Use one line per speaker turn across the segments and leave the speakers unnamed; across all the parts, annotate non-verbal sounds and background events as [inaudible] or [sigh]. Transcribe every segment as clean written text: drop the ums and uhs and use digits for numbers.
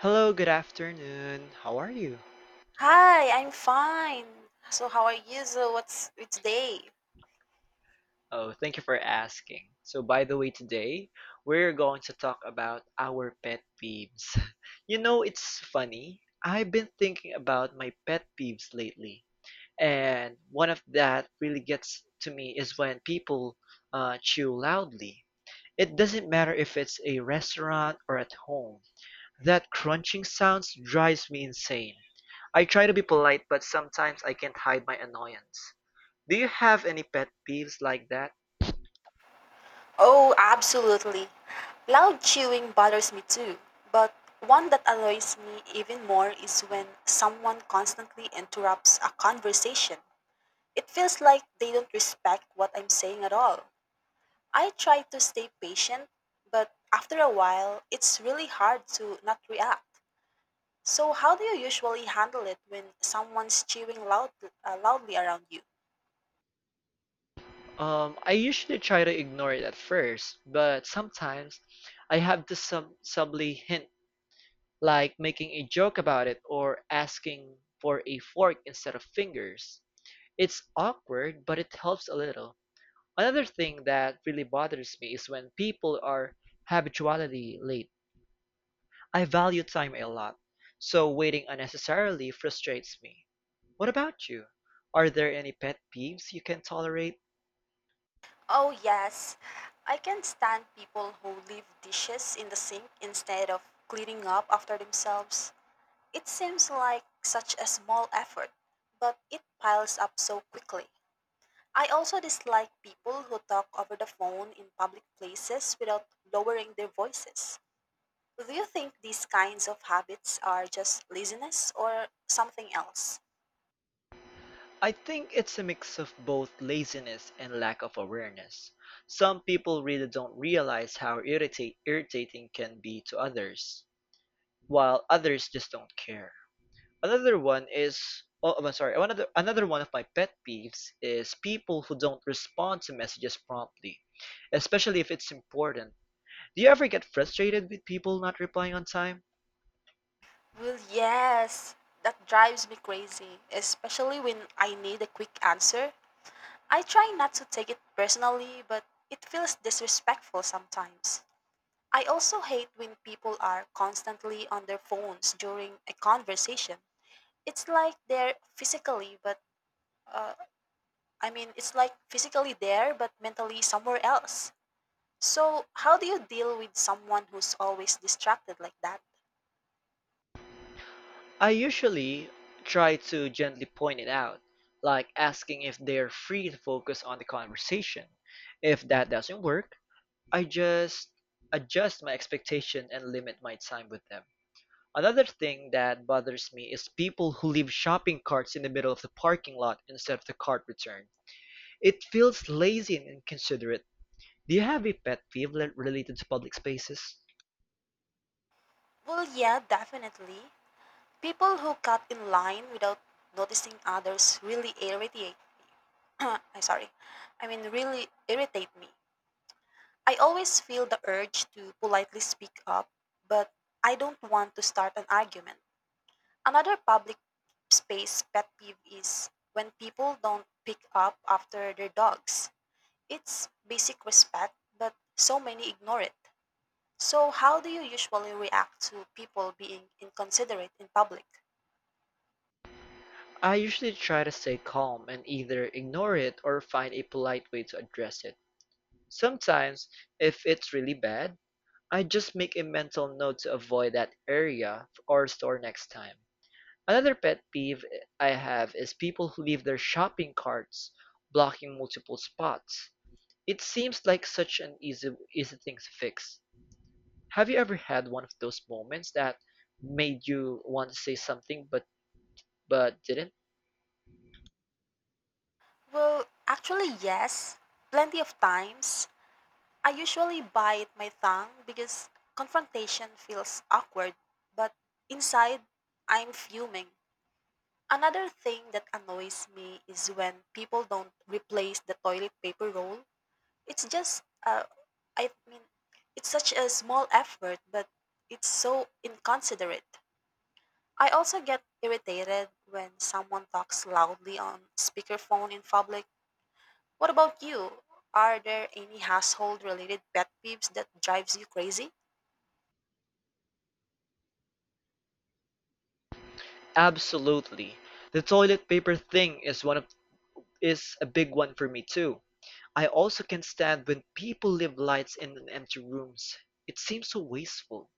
Hello, good afternoon. How are you?
Hi, I'm fine. So how are you? So what's it's day?
Oh, thank you for asking. So, by the way, today we're going to talk about our pet peeves. [laughs] You know, it's funny. I've been thinking about my pet peeves lately, and one of that really gets to me is when people chew loudly. It doesn't matter if it's a restaurant or at home. That crunching sounds drives me insane. I try to be polite, but sometimes I can't hide my annoyance. Do you have any pet peeves like that?
Oh, absolutely. Loud chewing bothers me too, but one that annoys me even more is when someone constantly interrupts a conversation. It feels like they don't respect what I'm saying at all. I try to stay patient, but after a while, it's really hard to not react. So how do you usually handle it when someone's chewing loudly around you?
I usually try to ignore it at first, but sometimes I have to subtly hint, like making a joke about it or asking for a fork instead of fingers. It's awkward, but it helps a little. Another thing that really bothers me is when people are habitually late. I value time a lot, so waiting unnecessarily frustrates me. What about you? Are there any pet peeves you can tolerate?
Oh, yes. I can stand people who leave dishes in the sink instead of cleaning up after themselves. It seems like such a small effort, but it piles up so quickly. I also dislike people who talk over the phone in public places without lowering their voices. Do you think these kinds of habits are just laziness or something else?
I think it's a mix of both laziness and lack of awareness. Some people really don't realize how irritating can be to others, while others just don't care. Another one is oh, I'm sorry. Another another one of my pet peeves is people who don't respond to messages promptly, especially if it's important. Do you ever get frustrated with people not replying on time?
Well, yes. That drives me crazy, especially when I need a quick answer. I try not to take it personally, but it feels disrespectful sometimes. I also hate when people are constantly on their phones during a conversation. It's like they're physically, but uh, I mean, it's like physically there, but mentally somewhere else. So, how do you deal with someone who's always distracted like that?
I usually try to gently point it out, like asking if they're free to focus on the conversation. If that doesn't work, I just adjust my expectation and limit my time with them. Another thing that bothers me is people who leave shopping carts in the middle of the parking lot instead of the cart return. It feels lazy and inconsiderate. Do you have a pet peeve related to public spaces?
Well, yeah, definitely. People who cut in line without noticing others really irritate. [coughs] [clears throat] I sorry. I mean, really irritate me. I always feel the urge to politely speak up, but I don't want to start an argument. Another public space pet peeve is when people don't pick up after their dogs. It's basic respect, but so many ignore it. So, how do you usually react to people being inconsiderate in public?
I usually try to stay calm and either ignore it or find a polite way to address it. Sometimes, if it's really bad, I just make a mental note to avoid that area or store next time. Another pet peeve I have is people who leave their shopping carts blocking multiple spots. It seems like such an easy thing to fix. Have you ever had one of those moments that made you want to say something but didn't?
Well, actually, yes. Plenty of times. I usually bite my tongue because confrontation feels awkward, but inside, I'm fuming. Another thing that annoys me is when people don't replace the toilet paper roll. It's just, uh, I mean, it's such a small effort, but it's so inconsiderate. I also get irritated when someone talks loudly on speakerphone in public. What about you? Are there any household related pet peeves that drives you crazy?
Absolutely. The toilet paper thing is one of is a big one for me too. I also can't stand when people leave lights in empty rooms. It seems so wasteful.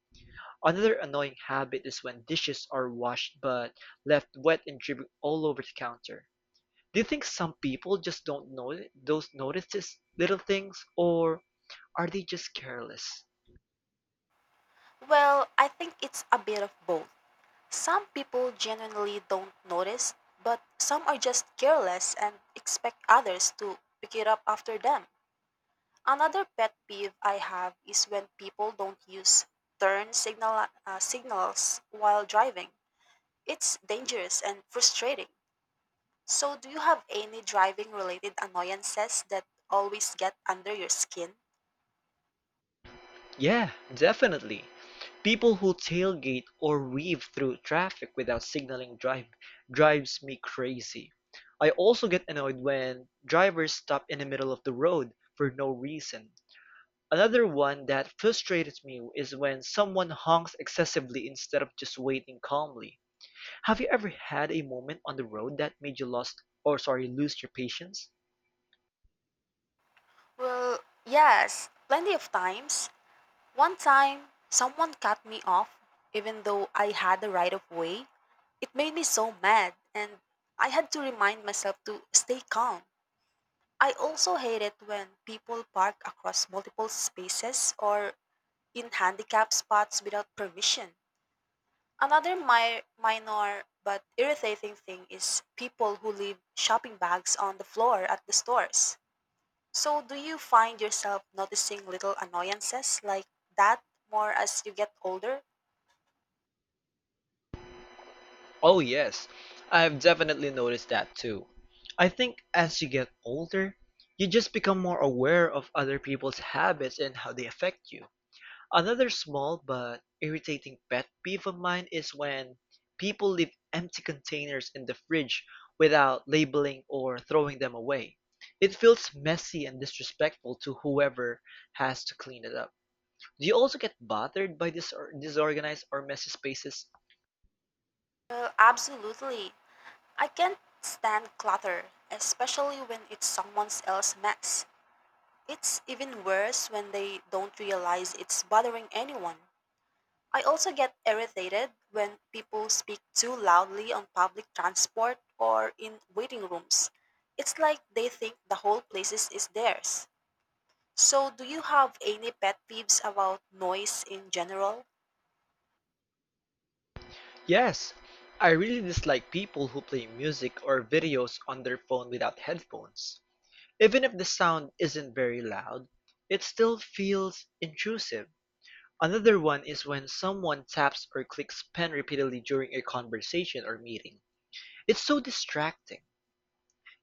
Another annoying habit is when dishes are washed but left wet and dripping all over the counter. Do you think some people just don't know those notices, little things or are they just careless?
Well, I think it's a bit of both. Some people genuinely don't notice, but some are just careless and expect others to pick it up after them. Another pet peeve I have is when people don't use turn signal signals while driving. It's dangerous and frustrating. So, do you have any driving related annoyances that always get under your skin?
Yeah, definitely. People who tailgate or weave through traffic without signaling drives me crazy. I also get annoyed when drivers stop in the middle of the road for no reason. Another one that frustrates me is when someone honks excessively instead of just waiting calmly. Have you ever had a moment on the road that made you lost or sorry, lose your patience?
Well, yes, plenty of times. One time, someone cut me off even though I had the right of way. It made me so mad, and I had to remind myself to stay calm. I also hate it when people park across multiple spaces or in handicapped spots without permission. Another minor but irritating thing is people who leave shopping bags on the floor at the stores. So, do you find yourself noticing little annoyances like that more as you get older?
Oh, yes, I've definitely noticed that too. I think as you get older, you just become more aware of other people's habits and how they affect you. Another small but irritating pet peeve of mine is when people leave empty containers in the fridge without labeling or throwing them away. It feels messy and disrespectful to whoever has to clean it up. Do you also get bothered by disorganized or messy spaces?
Well, absolutely. I can't stand clutter, especially when it's someone else's mess. It's even worse when they don't realize it's bothering anyone. I also get irritated when people speak too loudly on public transport or in waiting rooms. It's like they think the whole place is theirs. So, do you have any pet peeves about noise in general?
Yes, I really dislike people who play music or videos on their phone without headphones. Even if the sound isn't very loud, it still feels intrusive. Another one is when someone taps or clicks pen repeatedly during a conversation or meeting. It's so distracting.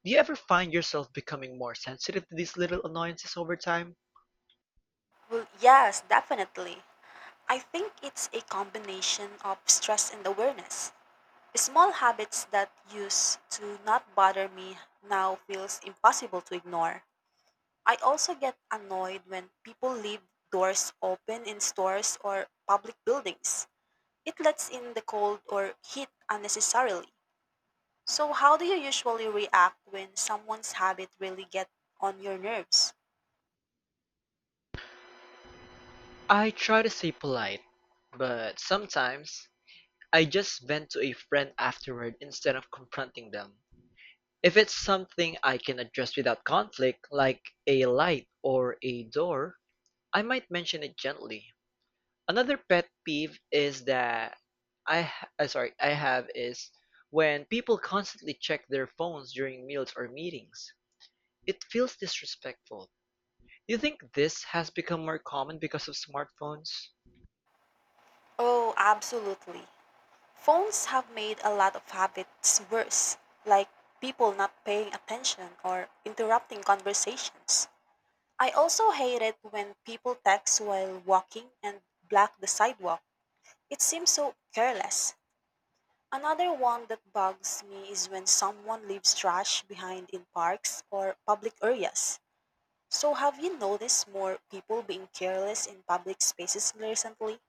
Do you ever find yourself becoming more sensitive to these little annoyances over time?
Well, yes, definitely. I think it's a combination of stress and awareness. Small habits that used to not bother me now feels impossible to ignore. I also get annoyed when people leave doors open in stores or public buildings. It lets in the cold or heat unnecessarily. So how do you usually react when someone's habit really get on your nerves?
I try to stay polite, but sometimes I just vent to a friend afterward instead of confronting them. If it's something I can address without conflict, like a light or a door, I might mention it gently. Another pet peeve is that I ha- sorry, I have is when people constantly check their phones during meals or meetings. It feels disrespectful. You think this has become more common because of smartphones?
Oh, absolutely. Phones have made a lot of habits worse, like people not paying attention or interrupting conversations. I also hate it when people text while walking and block the sidewalk. It seems so careless. Another one that bugs me is when someone leaves trash behind in parks or public areas. So, have you noticed more people being careless in public spaces recently?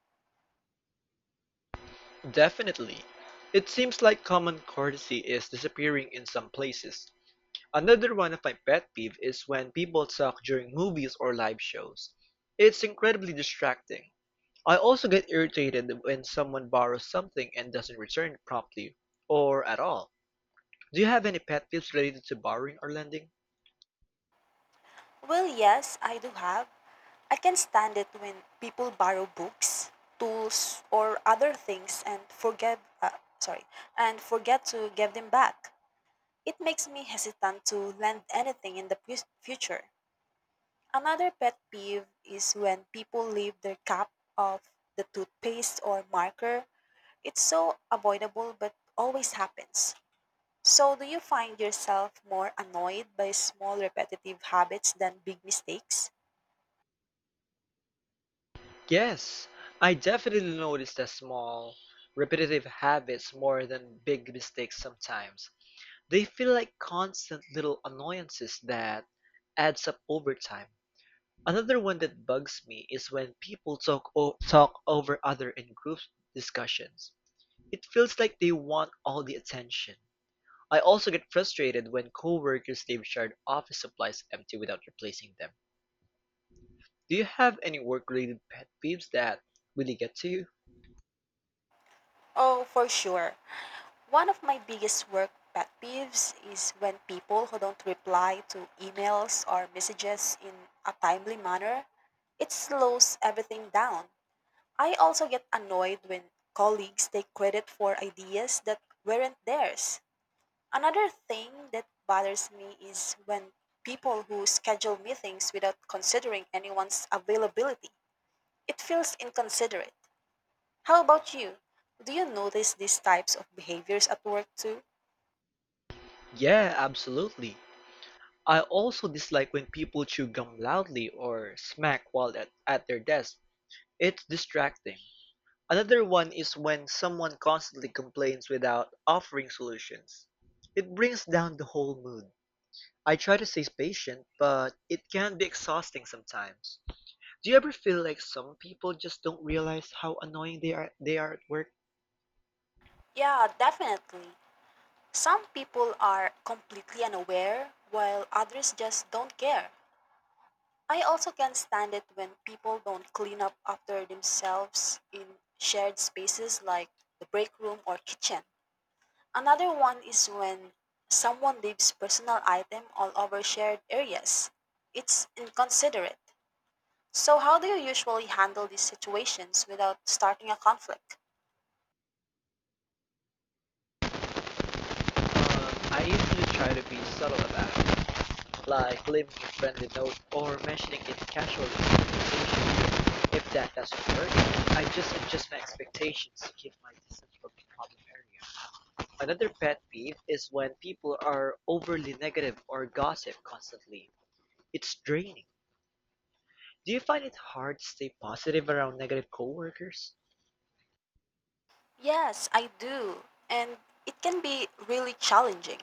Definitely. It seems like common courtesy is disappearing in some places. Another one of my pet peeves is when people talk during movies or live shows. It's incredibly distracting. I also get irritated when someone borrows something and doesn't return it promptly or at all. Do you have any pet peeves related to borrowing or lending?
Well, yes, I do have. I can stand it when people borrow books, tools, or other things and and forget to give them back. It makes me hesitant to lend anything in the future. Another pet peeve is when people leave their cup of the toothpaste or marker. It's so avoidable but always happens. So, do you find yourself more annoyed by small repetitive habits than big mistakes?
Yes, I definitely notice that small, repetitive habits more than big mistakes sometimes. They feel like constant little annoyances that adds up over time. Another one that bugs me is when people talk over other in group discussions. It feels like they want all the attention. I also get frustrated when coworkers leave shared office supplies empty without replacing them. Do you have any work-related pet peeves that really get to you?
Oh, for sure. One of my biggest work pet peeves is when people who don't reply to emails or messages in a timely manner. It slows everything down. I also get annoyed when colleagues take credit for ideas that weren't theirs. Another thing that bothers me is when people who schedule meetings without considering anyone's availability. It feels inconsiderate. How about you? Do you notice these types of behaviors at work too?
Yeah, absolutely. I also dislike when people chew gum loudly or smack while at their desk. It's distracting. Another one is when someone constantly complains without offering solutions. It brings down the whole mood. I try to stay patient, but it can be exhausting sometimes. Do you ever feel like some people just don't realize how annoying they are at work?
Yeah, definitely. Some people are completely unaware, while others just don't care. I also can't stand it when people don't clean up after themselves in shared spaces like the break room or kitchen. Another one is when someone leaves personal item all over shared areas. It's inconsiderate. So how do you usually handle these situations without starting a conflict?
Um, I usually try to be subtle about it. Like leaving a friendly note or mentioning it casually in conversation. If that doesn't work, I just adjust my expectations to keep my distance from the problem area. Another pet peeve is when people are overly negative or gossip constantly. It's draining. Do you find it hard to stay positive around negative coworkers?
Yes, I do. And it can be really challenging.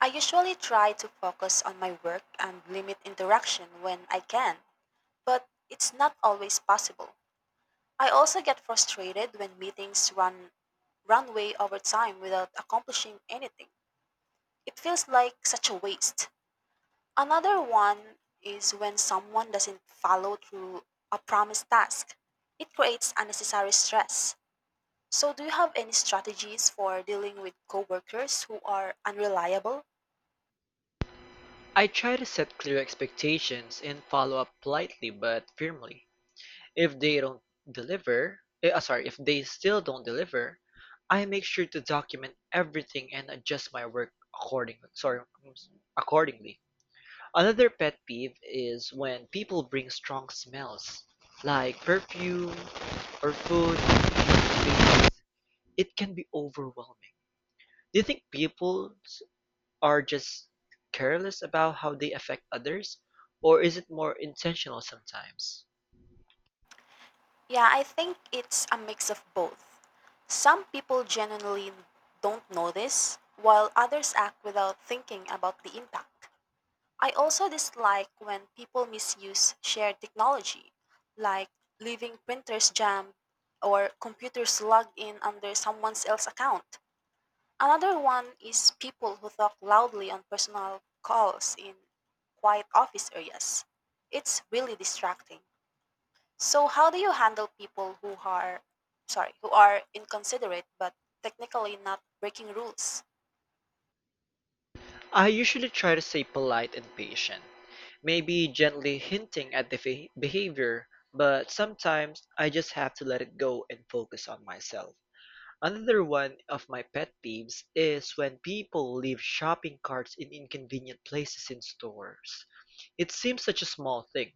I usually try to focus on my work and limit interaction when I can, but it's not always possible. I also get frustrated when meetings run way over time without accomplishing anything. It feels like such a waste. Another one is when someone doesn't follow through a promised task. It creates unnecessary stress. So do you have any strategies for dealing with coworkers who are unreliable?
I try to set clear expectations and follow up politely but firmly. If they don't if they still don't deliver, I make sure to document everything and adjust my work accordingly. Another pet peeve is when people bring strong smells, like perfume or food. Because It can be overwhelming. Do you think people are just careless about how they affect others, or is it more intentional sometimes?
Yeah, I think it's a mix of both. Some people genuinely don't notice, while others act without thinking about the impact. I also dislike when people misuse shared technology, like leaving printers jammed or computers logged in under someone else's account. Another one is people who talk loudly on personal calls in quiet office areas. It's really distracting. So how do you handle people who who are inconsiderate but technically not breaking rules?
I usually try to stay polite and patient, maybe gently hinting at the behavior, but sometimes I just have to let it go and focus on myself. Another one of my pet peeves is when people leave shopping carts in inconvenient places in stores. It seems such a small thing,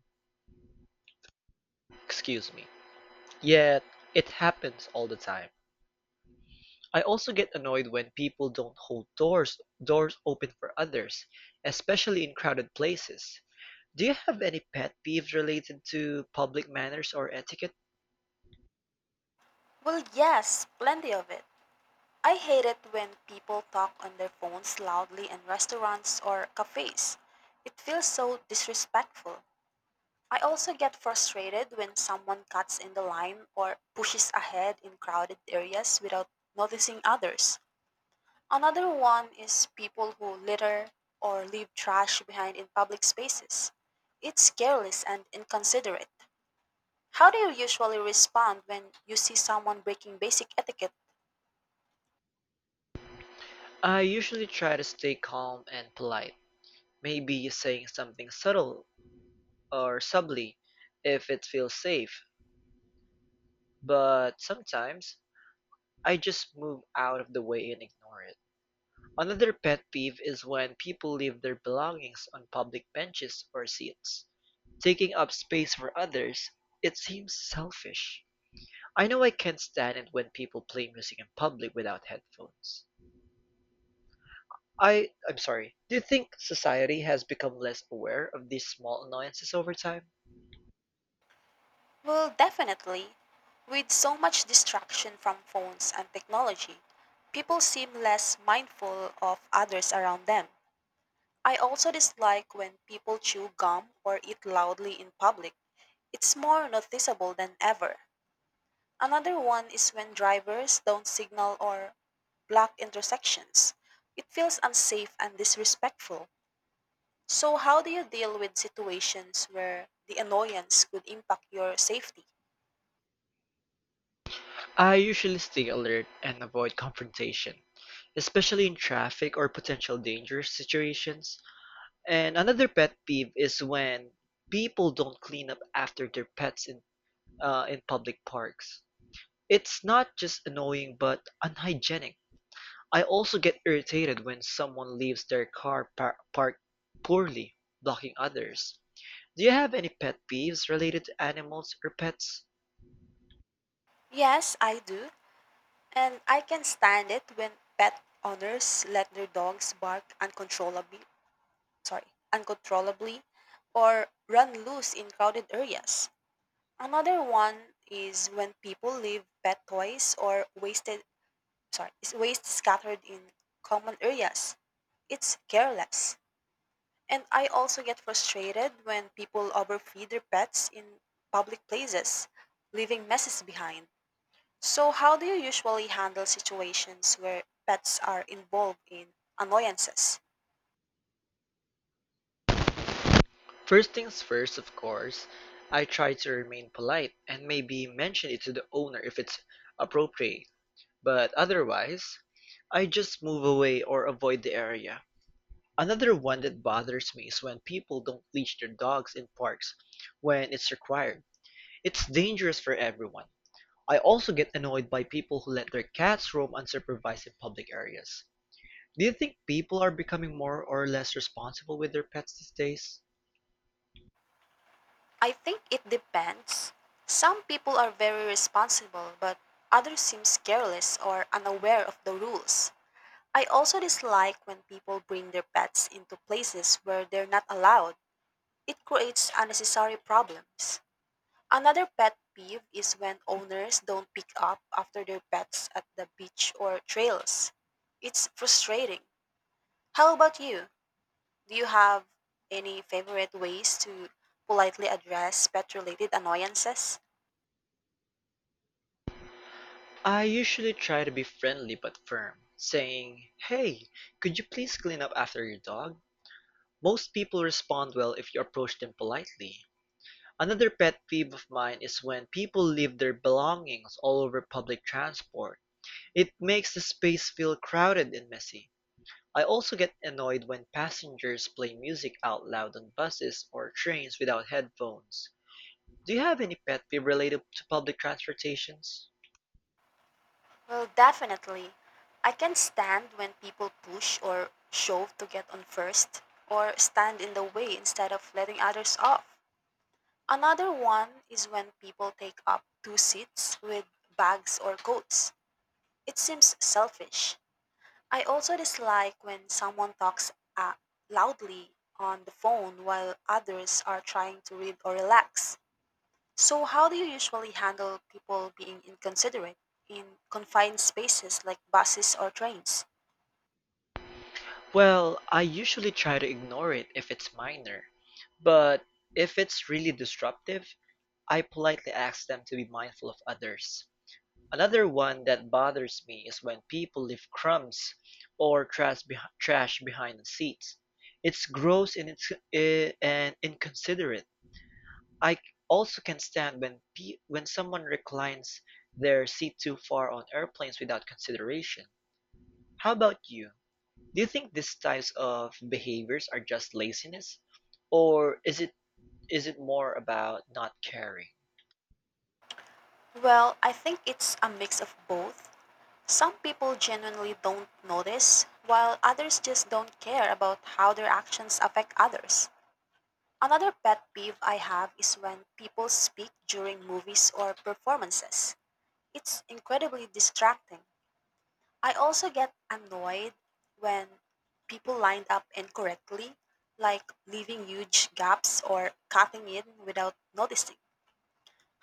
excuse me, yet it happens all the time. I also get annoyed when people don't hold doors open for others, especially in crowded places. Do you have any pet peeves related to public manners or etiquette?
Well, yes, plenty of it. I hate it when people talk on their phones loudly in restaurants or cafes. It feels so disrespectful. I also get frustrated when someone cuts in the line or pushes ahead in crowded areas without noticing others. Another one is people who litter or leave trash behind in public spaces. It's careless and inconsiderate. How do you usually respond when you see someone breaking basic etiquette?
I usually try to stay calm and polite. Maybe saying something subtle or subtly if it feels safe, but sometimes I just move out of the way and ignore it. Another pet peeve is when people leave their belongings on public benches or seats, taking up space for others. It seems selfish. I know I can't stand it when people play music in public without headphones. I I'm sorry. Do you think society has become less aware of these small annoyances over time?
Well, definitely. With so much distraction from phones and technology, people seem less mindful of others around them. I also dislike when people chew gum or eat loudly in public. It's more noticeable than ever. Another one is when drivers don't signal or block intersections. It feels unsafe and disrespectful. So, how do you deal with situations where the annoyance could impact your safety?
I usually stay alert and avoid confrontation, especially in traffic or potential dangerous situations. And another pet peeve is when people don't clean up after their pets in public parks. It's not just annoying but unhygienic. I also get irritated when someone leaves their car parked poorly, blocking others. Do you have any pet peeves related to animals or pets?
Yes, I do. And I can stand it when pet owners let their dogs bark uncontrollably or run loose in crowded areas. Another one is when people leave pet toys or wasted sorry, is waste scattered in common areas. It's careless. And I also get frustrated when people overfeed their pets in public places, leaving messes behind. So, how do you usually handle situations where pets are involved in annoyances?
First things first, of course, I try to remain polite and maybe mention it to the owner if it's appropriate, but otherwise, I just move away or avoid the area. Another one that bothers me is when people don't leash their dogs in parks when it's required. It's dangerous for everyone. I also get annoyed by people who let their cats roam unsupervised in public areas. Do you think people are becoming more or less responsible with their pets these days?
I think it depends. Some people are very responsible, but others seem careless or unaware of the rules. I also dislike when people bring their pets into places where they're not allowed. It creates unnecessary problems. Another pet peeve is when owners don't pick up after their pets at the beach or trails. It's frustrating. How about you? Do you have any favorite ways to politely address pet related annoyances?
I usually try to be friendly but firm, saying, Hey, could you please clean up after your dog? Most people respond well if you approach them politely. Another pet peeve of mine is when people leave their belongings all over public transport. It makes the space feel crowded and messy. I also get annoyed when passengers play music out loud on buses or trains without headphones. Do you have any pet peeve related to public transportations?
Well, definitely. I can stand when people push or shove to get on first, or stand in the way instead of letting others off. Another one is when people take up two seats with bags or coats. It seems selfish. I also dislike when someone talks uh, loudly on the phone while others are trying to read or relax. So, how do you usually handle people being inconsiderate in confined spaces like buses or trains?
Well, I usually try to ignore it if it's minor, but if it's really disruptive, I politely ask them to be mindful of others. Another one that bothers me is when people leave crumbs or trash behind the seats. It's gross and inconsiderate. I also can stand when someone reclines their seat too far on airplanes without consideration. How about you? Do you think these types of behaviors are just laziness, or is it more about not caring?
Well, I think it's a mix of both. Some people genuinely don't notice, while others just don't care about how their actions affect others. Another pet peeve I have is when people speak during movies or performances. It's incredibly distracting. I also get annoyed when people line up incorrectly, like leaving huge gaps or cutting in without noticing.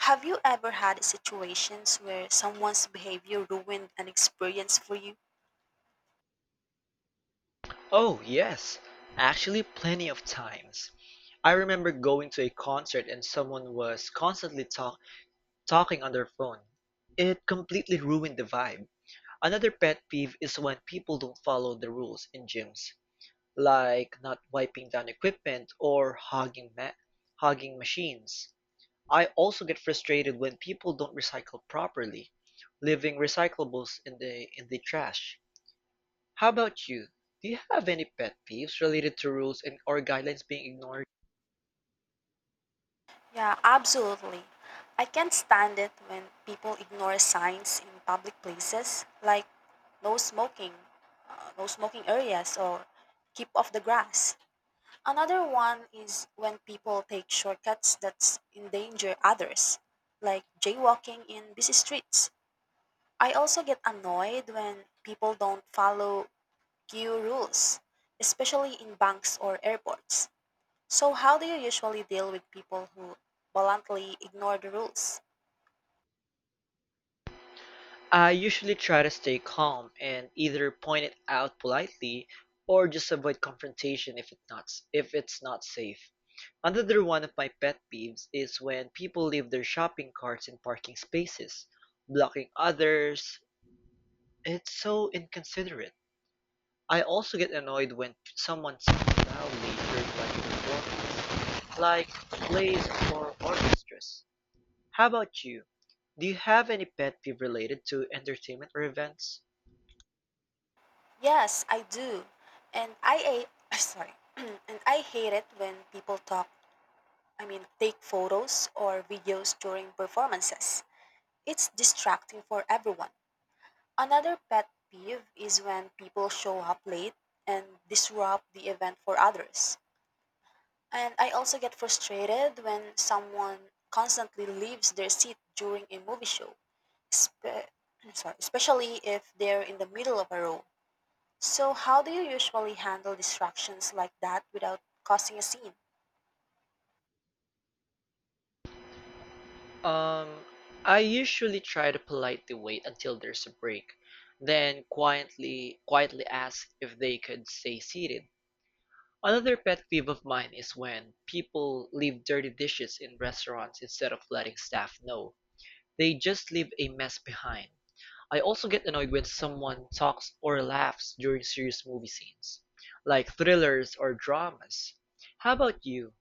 Have you ever had situations where someone's behavior ruined an experience for you?
Oh, yes. Actually, plenty of times. I remember going to a concert and someone was constantly talking on their phone. It completely ruined the vibe. Another pet peeve is when people don't follow the rules in gyms, like not wiping down equipment or hogging machines. I also get frustrated when people don't recycle properly, leaving recyclables in the trash. How about you? Do you have any pet peeves related to rules and or guidelines being ignored?
Yeah, absolutely. I can't stand it when people ignore signs in public places like no smoking, no smoking areas, or keep off the grass. Another one is when people take shortcuts that endanger others, like jaywalking in busy streets. I also get annoyed when people don't follow queue rules, especially in banks or airports. So, how do you usually deal with people who bluntly ignore the rules?
I usually try to stay calm and either point it out politely or just avoid confrontation if it's not safe. Another one of my pet peeves is when people leave their shopping carts in parking spaces, blocking others. It's so inconsiderate. I also get annoyed when someone sings loudly during my performance, like plays or orchestras. How about you? Do you have any pet peeve related to entertainment or events?
Yes, I do. And I [coughs] [clears throat] sorry. [clears throat] And I hate it when I mean, take photos or videos during performances. It's distracting for everyone. Another pet peeve is when people show up late and disrupt the event for others. And I also get frustrated when someone constantly leaves their seat during a movie show, spe- especially if they're in the middle of a row. So, how do you usually handle distractions like that without causing a scene?
Um, I usually try to politely wait until there's a break, then quietly ask if they could stay seated. Another pet peeve of mine is when people leave dirty dishes in restaurants instead of letting staff know. They just leave a mess behind. I also get annoyed when someone talks or laughs during serious movie scenes, like thrillers or dramas. How about you?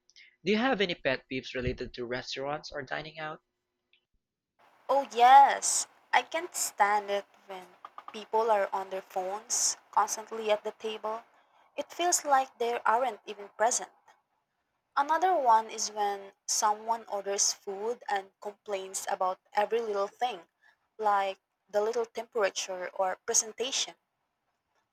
Do you have any pet peeves related to restaurants or dining out?
Oh, yes. I can't stand it when people are on their phones constantly at the table. It feels like they aren't even present. Another one is when someone orders food and complains about every little thing, like the little temperature or presentation.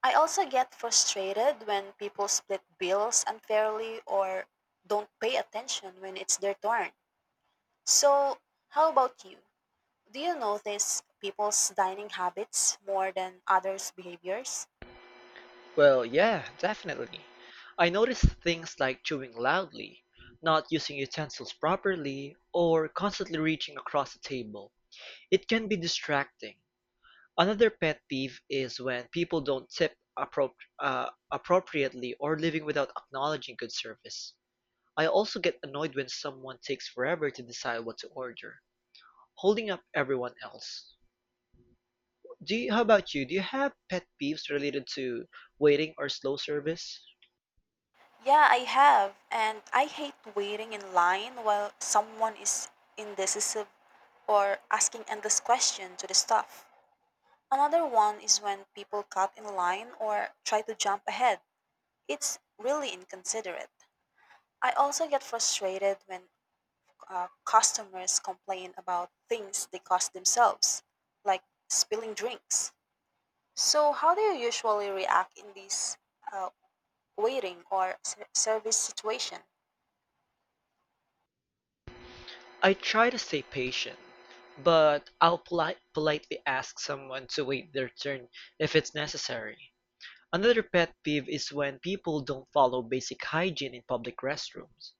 I also get frustrated when people split bills unfairly or don't pay attention when it's their turn. So, how about you? Do you notice people's dining habits more than others' behaviors?
Well, yeah, definitely. I notice things like chewing loudly, not using utensils properly, or constantly reaching across the table. It can be distracting. Another pet peeve is when people don't appropriately or leaving without acknowledging good service. I also get annoyed when someone takes forever to decide what to order, holding up everyone else. How about you? Do you have pet peeves related to waiting or slow service?
Yeah, I have, and I hate waiting in line while someone is indecisive or asking endless questions to the staff. Another one is when people cut in line or try to jump ahead. It's really inconsiderate. I also get frustrated when customers complain about things they caused themselves, like spilling drinks. So, how do you usually react in this uh, waiting or service situation?
I try to stay patient, but I'll politely ask someone to wait their turn if it's necessary. Another pet peeve is when people don't follow basic hygiene in public restrooms.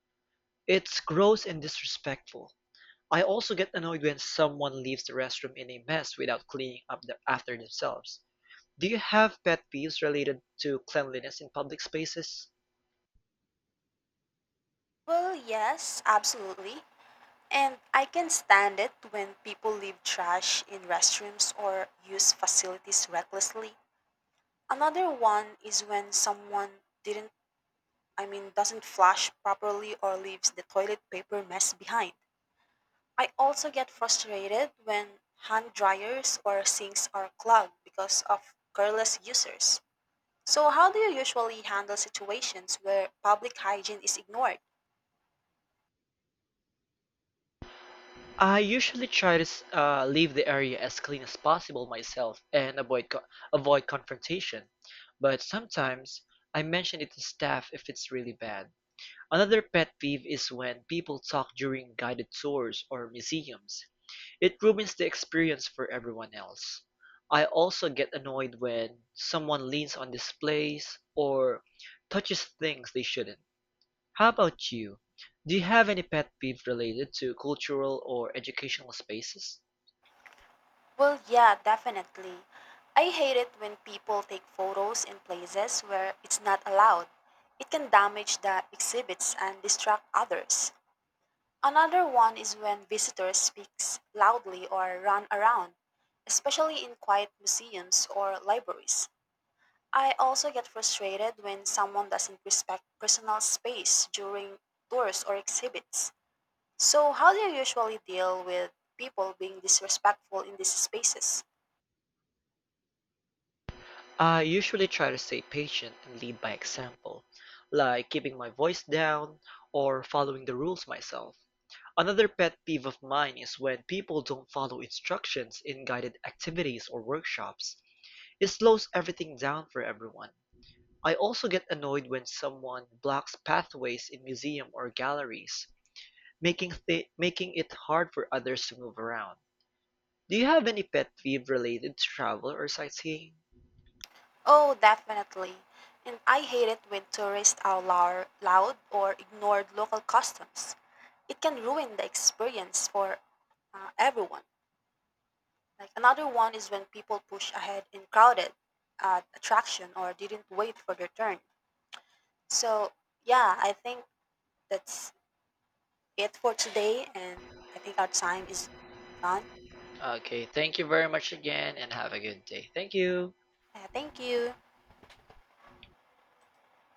It's gross and disrespectful. I also get annoyed when someone leaves the restroom in a mess without cleaning up after themselves. Do you have pet peeves related to cleanliness in public spaces?
Well, yes, absolutely. And I can stand it when people leave trash in restrooms or use facilities recklessly. Another one is when someone didn't, I mean, doesn't flush properly or leaves the toilet paper mess behind. I also get frustrated when hand dryers or sinks are clogged because of careless users. So, how do you usually handle situations where public hygiene is ignored?
I usually try to leave the area as clean as possible myself and avoid confrontation, but sometimes I mention it to staff if it's really bad. Another pet peeve is when people talk during guided tours or museums. It ruins the experience for everyone else. I also get annoyed when someone leans on displays or touches things they shouldn't. How about you? Do you have any pet peeve related to cultural or educational spaces?
Well, yeah, definitely. I hate it when people take photos in places where it's not allowed. It can damage the exhibits and distract others. Another one is when visitors speak loudly or run around, especially in quiet museums or libraries. I also get frustrated when someone doesn't respect personal space during tours or exhibits. So, how do you usually deal with people being disrespectful in these spaces?
I usually try to stay patient and lead by example, like keeping my voice down or following the rules myself. Another pet peeve of mine is when people don't follow instructions in guided activities or workshops. It slows everything down for everyone. I also get annoyed when someone blocks pathways in museums or galleries, making it hard for others to move around. Do you have any pet peeve related to travel or sightseeing?
Oh, definitely. And I hate it when tourists are loud or ignored local customs. It can ruin the experience for everyone. Like another one is when people push ahead in crowded attraction or didn't wait for their turn. So yeah, I think that's it for today, and I think our time is done.
Okay, thank you very much again and have a good day. Thank you.
Thank you.